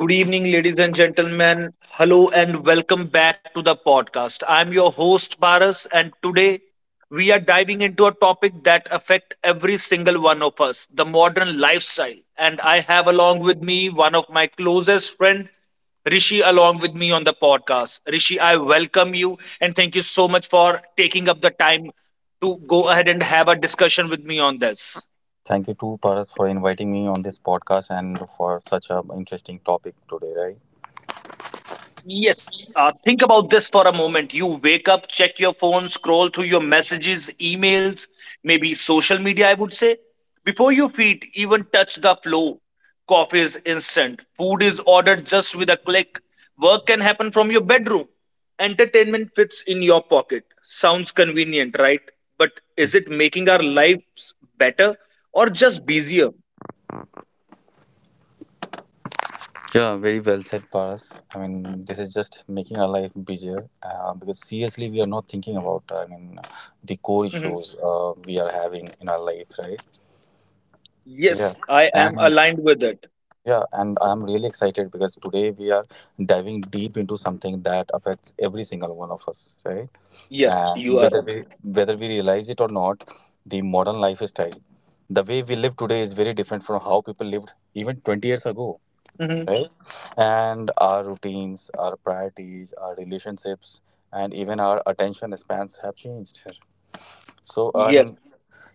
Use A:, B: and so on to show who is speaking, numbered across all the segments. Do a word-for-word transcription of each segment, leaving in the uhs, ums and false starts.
A: Good evening, ladies and gentlemen. Hello and welcome back to the podcast. I'm your host, Paras, and today we are diving into a topic that affects every single one of us, the modern lifestyle. And I have along with me one of my closest friends, Rishi, along with me on the podcast. Rishi, I welcome you and thank you so much for taking up the time to go ahead and have a discussion with me on this.
B: Thank you too, Paras, for inviting me on this podcast and for such a interesting topic today, right?
A: Yes, uh, think about this for a moment. You wake up, check your phone, scroll through your messages, emails, maybe social media, I would say. Before your feet even touch the floor, coffee is instant, food is ordered just with a click, work can happen from your bedroom, entertainment fits in your pocket. Sounds convenient, right? But is it making our lives better or just busier?
B: Yeah, very well said, Paras. I mean, this is just making our life busier uh, because seriously, we are not thinking about, I mean, the core
A: Mhm.
B: issues uh, we are having in our life, right? Yeah.
A: Yes, I am
B: And
A: aligned with it.
B: yeah, and I'm really excited because today we are diving deep into something that affects every single one of us, right?
A: Yes,
B: And
A: you are
B: whether
A: right.
B: we whether we realize it or not, the modern lifestyle, the way we live today, is very different from how people lived even twenty years ago,
A: Mhm.
B: right? And our routines, our priorities, our relationships, and even our attention spans have changed. So, I mean,
A: Yes.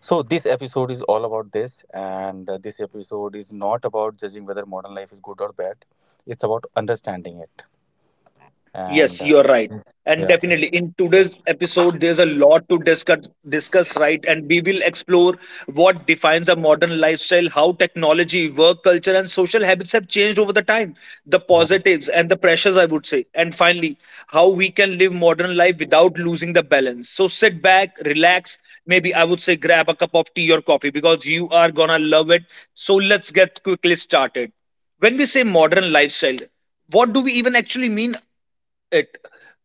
B: so this episode is all about this. And uh, this episode is not about judging whether modern life is good or bad. It's about understanding it. And
A: Yes, you
B: uh,
A: are right. And
B: yeah,
A: definitely in
B: yeah,
A: today's episode, there's a lot to discuss, discuss, right? And we will explore what defines a modern lifestyle, how technology, work culture, and social habits have changed over the time, the
B: yeah.
A: positives and the pressures, I would say. And finally, how we can live modern life without losing the balance. So sit back, relax, maybe I would say grab a cup of tea or coffee because you are gonna love it. So let's get quickly started. When we say modern lifestyle, what do we even actually mean it.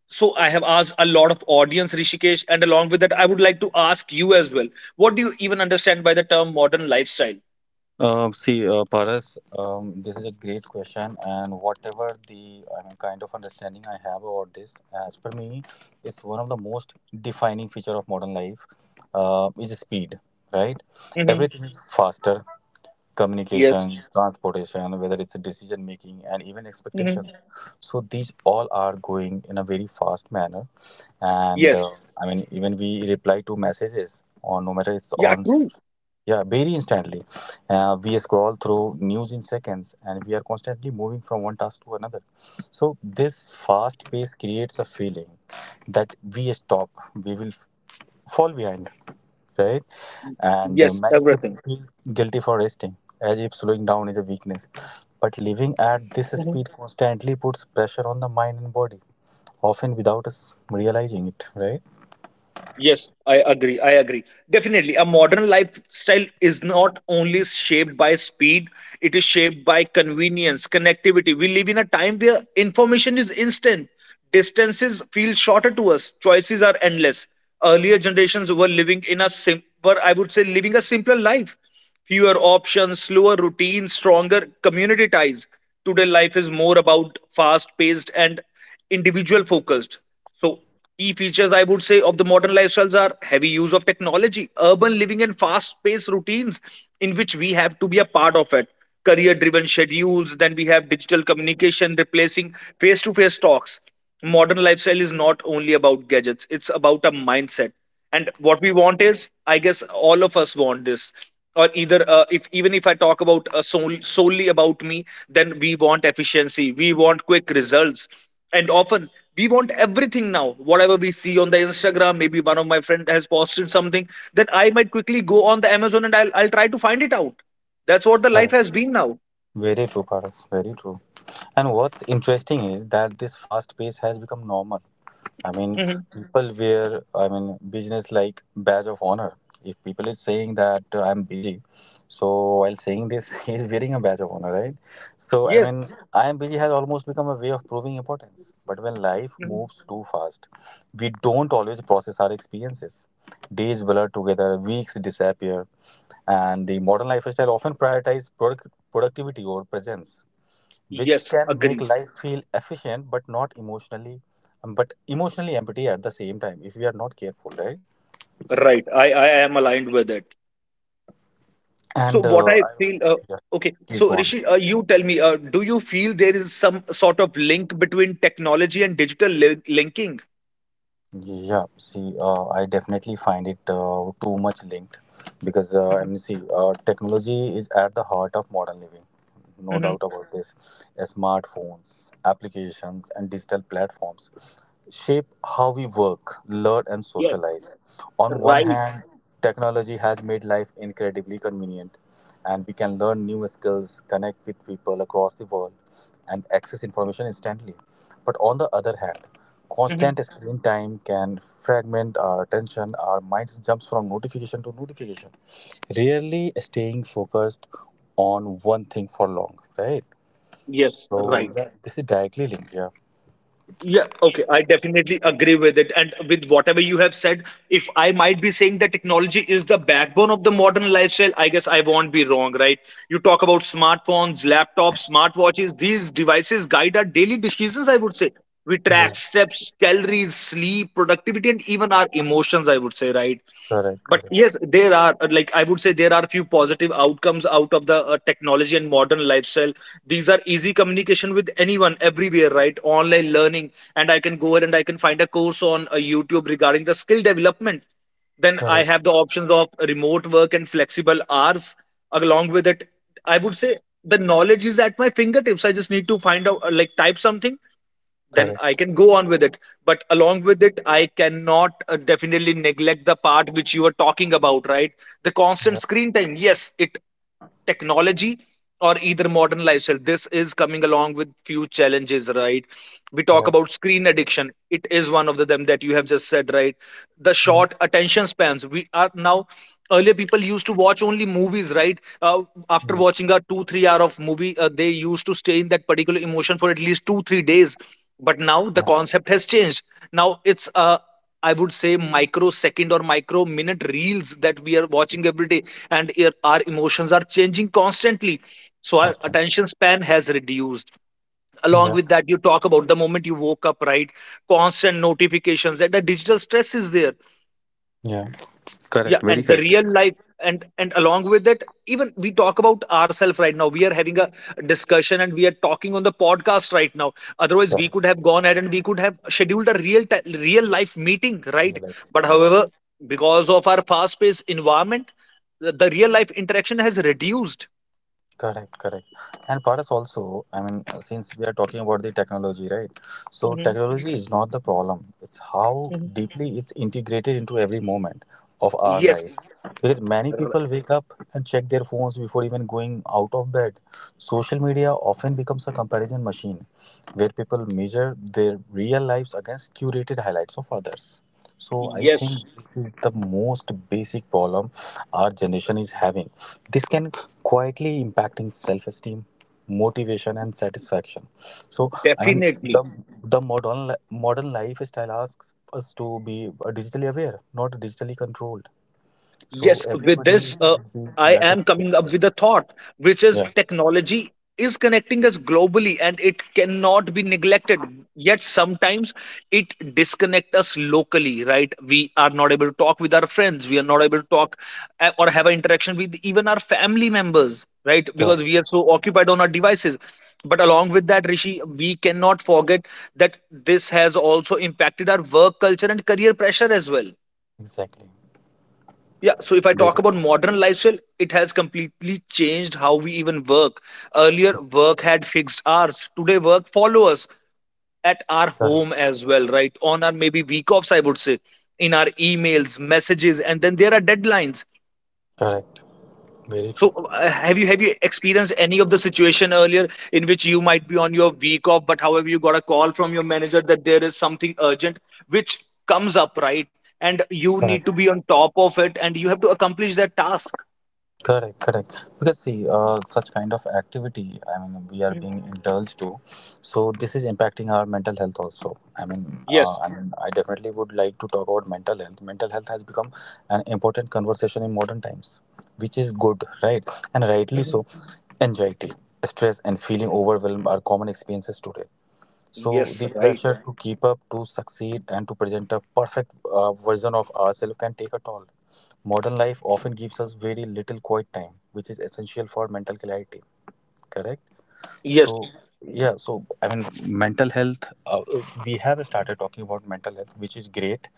A: So I have asked a lot of audience, Rishikesh, and along with that, I would like to ask you as well. What do you even understand by the term modern lifestyle?
B: Um, see, uh, Paras, um, this is a great question, and whatever the I mean, kind of understanding I have about this, as per me, it's one of the most defining feature of modern life, uh, is speed, right?
A: Hmm.
B: Everything is Mhm. faster, communication,
A: Yes.
B: yeah, transportation, whether it's a decision making, and even
A: Hmm.
B: expectations. Yeah. So these all are going in a very fast manner, and
A: Yes.
B: uh, I mean, even we reply to messages on, no matter it's
A: Yeah.
B: on,
A: True.
B: yeah, very instantly. Uh, we scroll through news in seconds, and we are constantly moving from one task to another. So this fast pace creates a feeling that, we stop, we will f- fall behind, right? And uh,
A: Yes.
B: many people
A: Everything.
B: feel guilty for resting, as if slowing down is a weakness. But living at this speed constantly puts pressure on the mind and body, often without us realizing it, right?
A: Yes, I agree. I agree. Definitely, a modern lifestyle is not only shaped by speed, it is shaped by convenience, connectivity. We live in a time where information is instant, distances feel shorter to us, choices are endless. Earlier generations were living in a sim were I would say, living a simpler life. Fewer options, slower routines, stronger community ties. Today, life is more about fast paced and individual focused. So, key features, I would say, of the modern lifestyles are heavy use of technology, urban living, and fast paced routines in which we have to be a part of it. Career driven schedules, then we have digital communication replacing face to face talks. Modern lifestyle is not only about gadgets, it's about a mindset, and what we want is, I guess, all of us want this, or either, uh, if even if I talk about uh, sol- solely about me, then we want efficiency, we want quick results, and often we want everything now. Whatever we see on the Instagram, maybe one of my friend has posted something, then I might quickly go on the Amazon and i'll, I'll try to find it out. That's what the life has been now.
B: Very true, Paras. Very true. And what's interesting is that this fast pace has become normal. I mean,
A: Mhm.
B: people wear, I mean, business like badge of honor. If people is saying that uh, I'm busy, so while saying this, he's wearing a badge of honor, right? So, I
A: Yes.
B: mean, I am busy has almost become a way of proving importance. But when life
A: Mhm.
B: moves too fast, we don't always process our experiences. Days blur together, weeks disappear, and the modern lifestyle often prioritizes product- productivity over presence, which
A: Yes,
B: can make
A: agree.
B: life feel efficient but not emotionally um, but emotionally empty at the same time, if we are not careful, right?
A: Right. I i am aligned with it. So
B: and
A: what
B: uh,
A: I
B: I,
A: feel, uh,
B: yeah,
A: okay.
B: please
A: So
B: go on.
A: Rishi, uh, you tell me, uh, do you feel there is some sort of link between technology and digital li- linking?
B: Yeah, see, uh, I definitely find it uh, too much linked, because uh, I
A: Mhm,
B: mean, see, uh, technology is at the heart of modern living. No doubt
A: mhm.
B: about this. Smartphones, applications, and digital platforms shape how we work, learn, and
A: Yes,
B: socialize. On one
A: right.
B: hand, technology has made life incredibly convenient, and we can learn new skills, connect with people across the world, and access information instantly. But on the other hand, constant
A: Mhm.
B: screen time can fragment our attention. Our mind jumps from notification to notification, rarely staying focused on one thing for long. Right.
A: Yes, right.
B: So yeah, this is directly linked. Yeah.
A: Yeah, okay. I definitely agree with it. And with whatever you have said, if I might be saying that technology is the backbone of the modern lifestyle, I guess I won't be wrong, right? You talk about smartphones, laptops, smartwatches, these devices guide our daily decisions, I would say. We
B: Yeah.
A: track steps, calories, sleep, productivity, and even our emotions, I would say, right?
B: Correct.
A: But
B: Correct.
A: yes, there are, uh, like I would say, there are few positive outcomes out of the uh, technology and modern lifestyle. These are easy communication with anyone everywhere, right? Online learning, and I can go ahead and I can find a course on uh, YouTube regarding the skill development. Then I have
B: Correct.
A: the options of remote work and flexible hours along with it. I would say the knowledge is at my fingertips. I just need to find out, uh, like, type something, then I
B: Correct.
A: can go on with it. But along with it, I cannot uh, definitely neglect the part which you were talking about, right? The constant
B: Yeah.
A: screen time. Yes, it technology or either modern lifestyle. This is coming along with few challenges, right? We talk
B: Yeah.
A: about screen addiction. It is one of the them that you have just said, right? The short
B: Yeah.
A: attention spans. We are now Earlier people used to watch only movies, right? Uh, after
B: Yeah.
A: watching a two three hour of movie, uh, they used to stay in that particular emotion for at least two three days. But now the
B: Yeah.
A: concept has changed. Now it's, uh, I would say, microsecond or micro minute reels that we are watching every day. And ir- our emotions are changing constantly, so our
B: Constant.
A: attention span has reduced. Along with
B: Yeah.
A: that, you talk about the moment you woke up, right? Constant notifications and the digital stress is there.
B: Yeah.
A: Yeah,
B: Correct. Very
A: and the
B: correct.
A: real life. And and along with it, even we talk about ourselves right now. We are having a discussion and we are talking on the podcast right now. Otherwise, we could
B: Correct.
A: have gone ahead and we could have scheduled a real ti- real life meeting,
B: Yeah,
A: right?
B: like,
A: But
B: yeah.
A: however, because of our fast paced environment, the, the real life interaction has reduced.
B: Correct, correct. And Paras also, I mean, uh, since we are talking about the technology, right? So
A: Hmm.
B: technology is not the problem. It's how
A: Hmm.
B: deeply it's integrated into every moment of our
A: Yes.
B: life. Because many
A: r-
B: people wake up and check their phones before even going out of bed. Social media often becomes a comparison machine, where people measure their real lives against curated highlights of others. So I think
A: yes,
B: this is the most basic problem our generation is having. This can quietly impacting self-esteem, motivation, and satisfaction. So, I mean, the
A: definitely.
B: the modern li- modern lifestyle asks us to be uh, digitally aware, not digitally controlled. So
A: Yes, with
B: everybody
A: this, uh,
B: should be,
A: I
B: yeah,
A: am
B: taking care
A: coming
B: of
A: up
B: them.
A: with a thought, which is
B: Yeah.
A: technology is connecting us globally and it cannot be neglected. Yet sometimes it disconnects us locally, right? We are not able to talk with our friends. We are not able to talk uh, or have an interaction with even our family members, right? Because we
B: Correct.
A: are so occupied on our devices. But along with that, Rishi, we cannot forget that this has also impacted our work culture and career pressure as well.
B: Exactly.
A: Yeah, so if I talk
B: Very
A: about modern lifestyle, it has completely changed how we even work. Earlier, work had fixed hours. Today, work follows us at our
B: correct.
A: home as well, right? On our maybe week offs, I would say, in our emails, messages, and then there are deadlines.
B: Correct. Very
A: So,
B: true.
A: uh, have you have you experienced any of the situation earlier in which you might be on your week off, but however you got a call from your manager that there is something urgent which comes up, right? And you need to be
B: Correct.
A: on top of it, and you have to accomplish that task.
B: Correct, correct. Because see, uh, such kind of activity, I mean, we are being
A: Mhm.
B: indulged to, so this is impacting our mental health also. I mean, uh,
A: Yes.
B: I mean, I definitely would like to talk about mental health. Mental health has become an important conversation in modern times, which is good, right? And rightly
A: Mhm.
B: so. Anxiety, stress, and feeling overwhelmed are common experiences today. So
A: Yes,
B: the
A: right.
B: pressure to keep up, to succeed, and to present a perfect, uh, version of ourselves can take a toll. Modern life often gives us very little quiet time, which is essential for mental clarity. Correct?
A: Yes.
B: So, yeah, so, I mean, mental health, uh, we have started talking about mental health, which is great.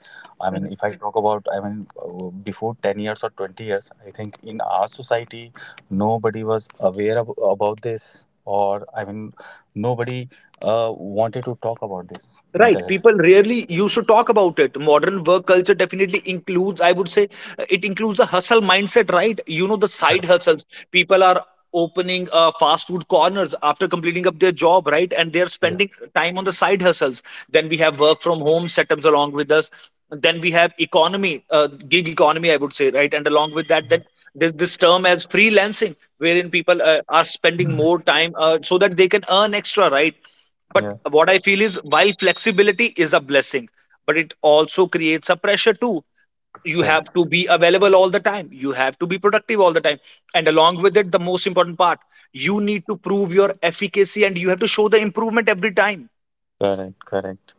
B: I mean,
A: Mhm.
B: if I talk about, I mean, uh, before ten years or twenty years, I think in our society, nobody was aware ab- about this, or I mean, nobody uh, wanted to talk about this mental
A: Right, people
B: health issue.
A: rarely used to talk about it. Modern work culture definitely includes, I would say, uh, it includes a hustle mindset, right? You know, the side
B: Correct.
A: hustles. People are opening uh, fast food corners after completing up their job, right? And they're
B: Yeah.
A: spending time on the side hustles. Then we have work from home setups along with us. Then we have economy, uh, gig economy, I would say, right? And along with that, then there's this term as freelancing, wherein people uh, are spending more time uh, so that they can earn extra, right? But
B: Yeah.
A: what I feel is while flexibility is a blessing, but it also creates a pressure too. You have to
B: Correct.
A: be available all the time. You have to be productive all the time. And along with it, the most important part, you need to prove your efficacy and you have to show the improvement every time.
B: Correct. Correct.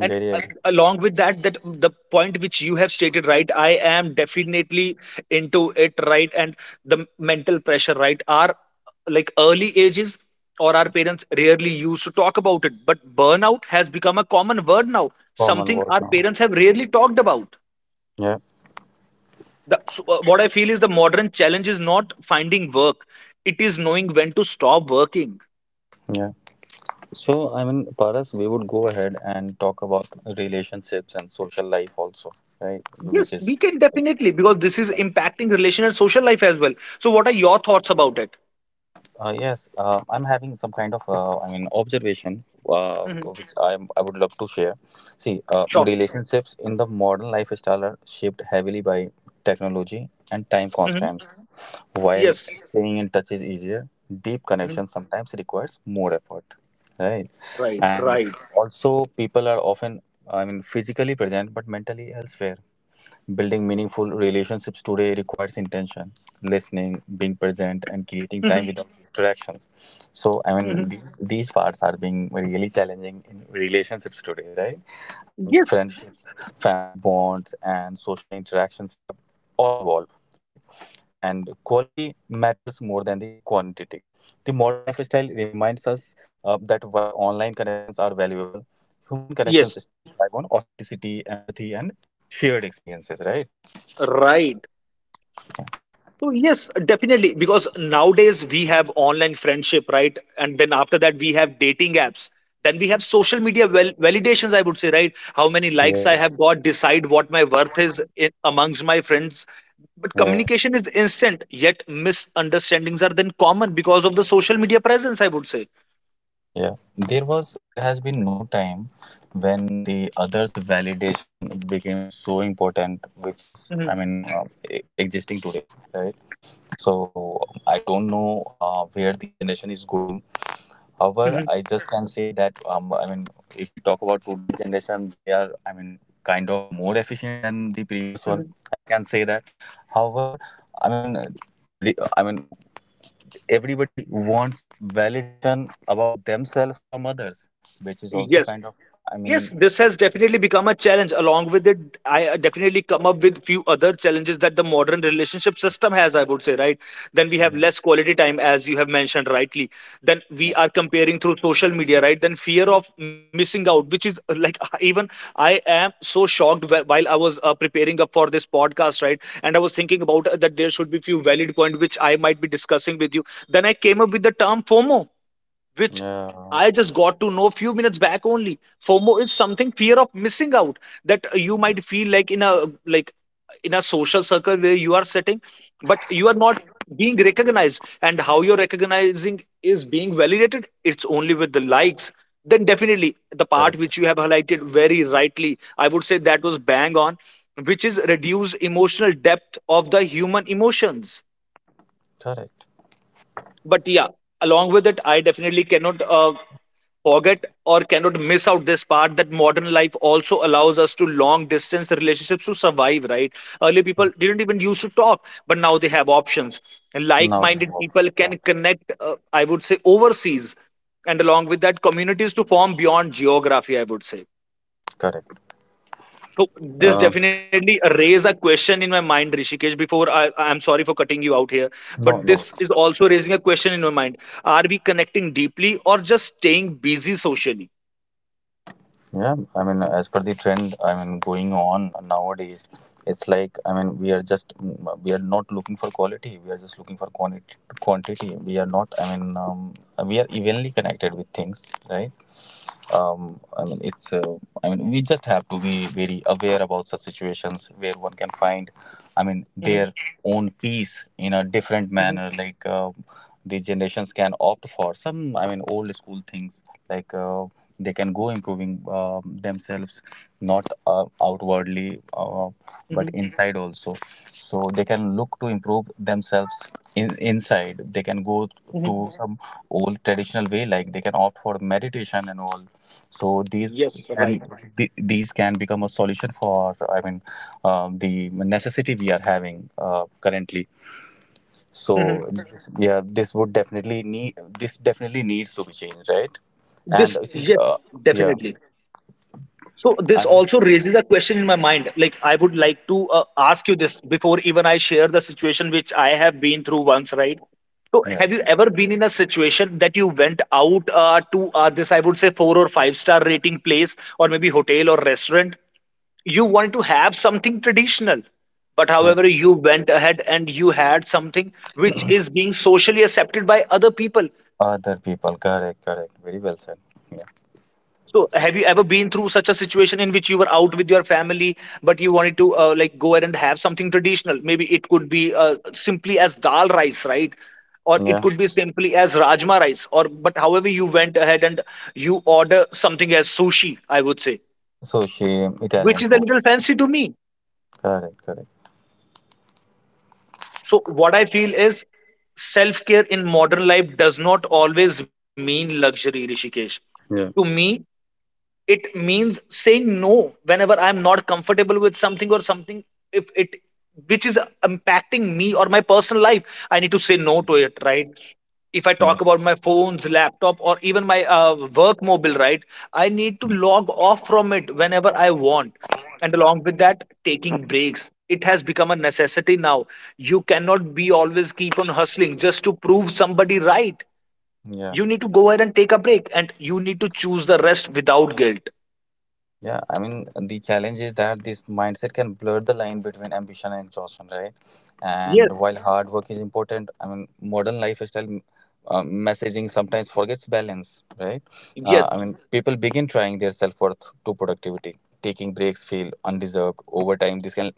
A: And uh,
B: agree.
A: along with that, that the point which you have stated, right, I am definitely into it, right? And the mental pressure, right? Our like early ages, or our parents rarely used to talk about it, but burnout has become a common word now,
B: Common
A: something
B: word
A: our
B: now.
A: parents have rarely talked about.
B: Yeah,
A: The, so, uh, what I feel is the modern challenge is not finding work, it is knowing when to stop working.
B: yeah. So, I mean, Paras, we would go ahead and talk about relationships and social life also, right? Which
A: Yes,
B: is.
A: we can definitely, because this is impacting relation and social life as well. So what are your thoughts about it?
B: Uh, yes, uh, I'm having some kind of, uh, I mean, observation, uh, which I I would love to share. See, uh,
A: Sure.
B: relationships in the modern lifestyle are shaped heavily by technology and time
A: Hmm.
B: constraints. While
A: Yes.
B: staying in touch is easier, deep
A: Hmm.
B: connection sometimes requires more effort, right?
A: Right.
B: And
A: Right.
B: also, people are often, I mean, physically present but mentally elsewhere. Building meaningful relationships today requires intention, listening, being present, and creating time
A: Hmm.
B: without distractions. So, I
A: Hmm.
B: mean, these, these parts are being really challenging in relationships today, right? I mean,
A: Yes.
B: friendships, family bonds, and social interactions have all evolved, right? And quality matters more than the quantity. The modern lifestyle reminds us, uh, that while online connections are valuable, human connections
A: Yes.
B: still thrive on authenticity, empathy, and shared experiences, right?
A: Right. So yes, definitely. Because nowadays we have online friendship, right? And then after that we have dating apps. Then we have
B: Correct.
A: social media val validations, I would say, right? How many likes
B: Yeah.
A: I have got decide what my worth is in, amongst my friends. But
B: Yeah.
A: communication is instant, yet misunderstandings are then common because of the social media presence, I would say.
B: Yeah. There was there has been no time when the others' validation became so important, which is, I
A: Hmm.
B: mean, uh, e- existing today, right? So I don't know, uh, where the generation is going. However,
A: Hmm.
B: I just can say that, um, I mean, if we talk about today's generation, they are, I mean, kind of more efficient than the previous one.
A: Hmm.
B: I can say that. However, I mean, re- I mean, everybody wants validation about themselves from others, which is also
A: Yes.
B: kind of. I
A: Yes,
B: mean,
A: this has definitely become a challenge. Along with it, I uh, definitely come up with few other challenges that the modern relationship system has, I would say, right? Then we have
B: yeah,
A: less quality time, as you have mentioned rightly. Then
B: yeah,
A: we are comparing through social media, right? Then fear of missing out, which is uh, like even I am so shocked wh- while I was uh, preparing up for this podcast, right? And I was thinking about uh, that there should be few valid point which I might be discussing with you. Then I came up with the term FOMO, which
B: yeah,
A: I just got to know few minutes back only. FOMO is something fear of missing out that you
B: yeah,
A: might feel like in a like in a social circle where you are sitting, but you are not being recognized. And how you're recognizing is being validated. It's only with the likes. Then definitely the part
B: correct,
A: which you have highlighted very rightly, I would say that was bang on, which is reduce emotional depth of the human emotions.
B: correct.
A: But yeah, along with it, I definitely cannot uh, forget or cannot miss out this part that modern life also allows us to long distance relationships to survive, right? Earlier people didn't even used to talk, but now they have options. Like
B: Now we have
A: minded
B: options.
A: people
B: Yeah,
A: can connect, uh, I would say overseas, and along with that communities to form beyond geography, I would say.
B: correct.
A: So this
B: Um,
A: definitely raise a question in my mind, Rishikesh. Before I, I'm sorry for cutting you out here, but
B: No, no.
A: this is also raising a question in my mind: are we connecting deeply or just staying busy socially?
B: Yeah, I mean, as per the trend, I mean, going on nowadays, it's like, I mean, we are just, mm, we are not looking for quality. We are just looking for quantity. Quantity. We are not. I mean, um, we are evenly connected with things, right? um, I mean, it's. Uh, I mean, we just have to be very aware about such situations where one can find, I mean,
A: Mhm,
B: their own peace in a different
A: mhm,
B: manner. Like, uh, the generations can opt for some, I mean, old school things, like, uh, they can go improving uh, themselves, not uh, outwardly, uh,
A: mhm,
B: but inside also. So they can look to improve themselves in inside. They can go
A: mhm.
B: to some old traditional way, like they can opt for meditation and all. So these
A: Yes,
B: can
A: right.
B: th- these can become a solution for, I mean, um, the necessity we are having uh, currently. So
A: Mhm.
B: this, yeah, this would definitely need this definitely needs to be changed, right? And
A: This,
B: uh, see,
A: yes,
B: uh, yeah,
A: definitely. So this
B: I mean,
A: also raises a question in my mind. Like I would like to uh, ask you this before even I share the situation which I have been through once, right? So
B: yeah,
A: have you ever been in a situation that you went out uh, to uh, this I would say four or five star rating place or maybe hotel or restaurant? You wanted to have something traditional, but
B: yeah.
A: however you went ahead and you had something which is being socially accepted by other people.
B: Other people. Correct, correct. Very well said. Yeah,
A: So have you ever been through such a situation in which you were out with your family, but you wanted to uh, like go ahead and have something traditional? Maybe it could be uh, simply as dal rice, right? Or it
B: yeah.
A: could be simply as rajma rice. Or but however you went ahead and you order something as sushi, I would say,
B: So shame.
A: which
B: Italian
A: is a
B: food.
A: little fancy to me.
B: Correct, correct.
A: So what I feel is self care in modern life does not always mean luxury, Rishikesh. To
B: Yeah,
A: me it means saying no whenever I'm not comfortable with something or something, if it, which is impacting me or my personal life, I need to say no to it, right? If I
B: yeah,
A: talk about my phones, laptop or even my uh, work mobile, right? I need to log off from it whenever I want. And along with that, taking breaks, it has become a necessity now. You cannot be always keep on hustling just to prove somebody right.
B: yeah.
A: You need to go ahead and take a break, and you need to choose the rest without guilt.
B: Yeah, I mean, the challenge is that this mindset can blur the line between ambition and exhaustion, right?
A: Yes,
B: And while hard work is important, I mean, modern lifestyle, uh, messaging sometimes forgets balance, right?
A: yes,
B: Uh, I mean, people begin trying their self worth to productivity, taking breaks feel undeserved over time. This can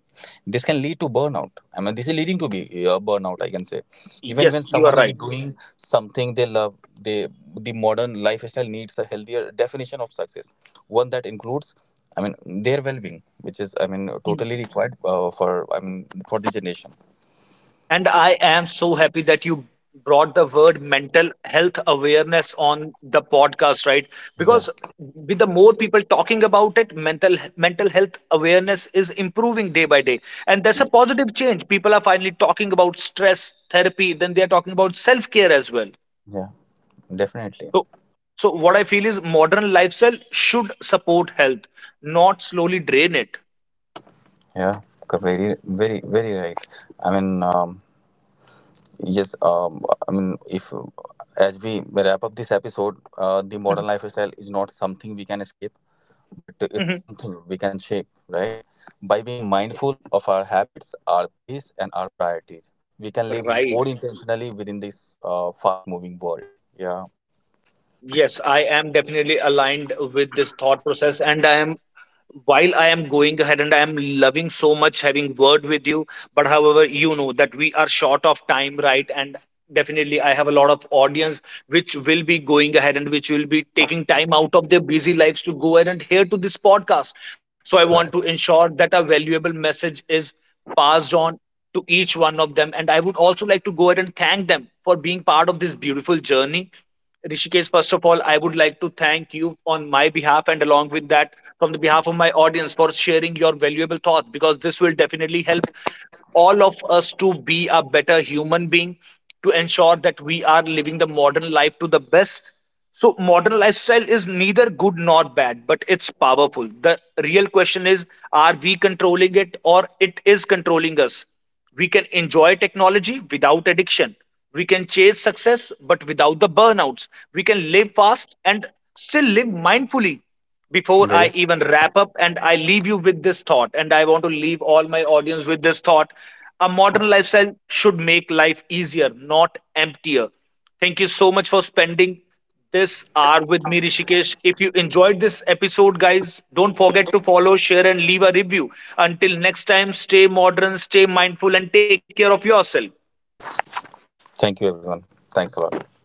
B: this can lead to burnout. I mean, this is leading to be, uh, burnout, I can say, even when
A: yes, you are
B: someone is
A: right.
B: doing something they love. They the modern lifestyle needs a healthier definition of success, one that includes, I mean, their well-being, which is, I mean,
A: Mm.
B: totally required, uh, for I mean for the generation.
A: And I am so happy that you brought the word mental health awareness on the podcast, right?
B: Yeah.
A: Because with the more people talking about it, mental mental health awareness is improving day by day. And that's a positive change. People are finally talking about stress therapy, then they are talking about self-care as well.
B: Yeah. Definitely.
A: So so what I feel is modern lifestyle should support health, not slowly drain it.
B: Yeah. Co- very, very, very right. i mean um, yes. um, I mean if As we wrap up this episode, uh, the
A: Mhm,
B: modern lifestyle is not something we can escape, but it's
A: mhm.
B: something we can shape, right? By being mindful of our habits, our pace, and our priorities, we can live
A: Right.
B: more intentionally within this uh, fast moving world. Yeah.
A: Yes, I am definitely aligned with this thought process. And I am, while I am going ahead and I am loving so much having word with you, but however, you know that we are short of time, right? And definitely, I have a lot of audience which will be going ahead and which will be taking time out of their busy lives to go ahead and hear to this podcast. So I want to
B: Correct.
A: ensure that a valuable message is passed on to each one of them. And I would also like to go ahead and thank them for being part of this beautiful journey. Rishikesh, first of all, I would like to thank you on my behalf and along with that, from the behalf of my audience, for sharing your valuable thoughts, because this will definitely help all of us to be a better human being, to ensure that we are living the modern life to the best. So modern lifestyle is neither good nor bad, but it's powerful. The real question is, are we controlling it or it is controlling us? We can enjoy technology without addiction. We can chase success, but without the burnouts. We can live fast and still live mindfully. Before I
B: Very.
A: even wrap up, and I leave you with this thought, and I want to leave all my audience with this thought, a modern lifestyle should make life easier, not emptier. Thank you so much for spending this hour with me, Rishikesh. If you enjoyed this episode, guys, don't forget to follow, share, and leave a review. Until next time, stay modern, stay mindful, and take care of yourself.
B: Thank you, everyone. Thanks a lot.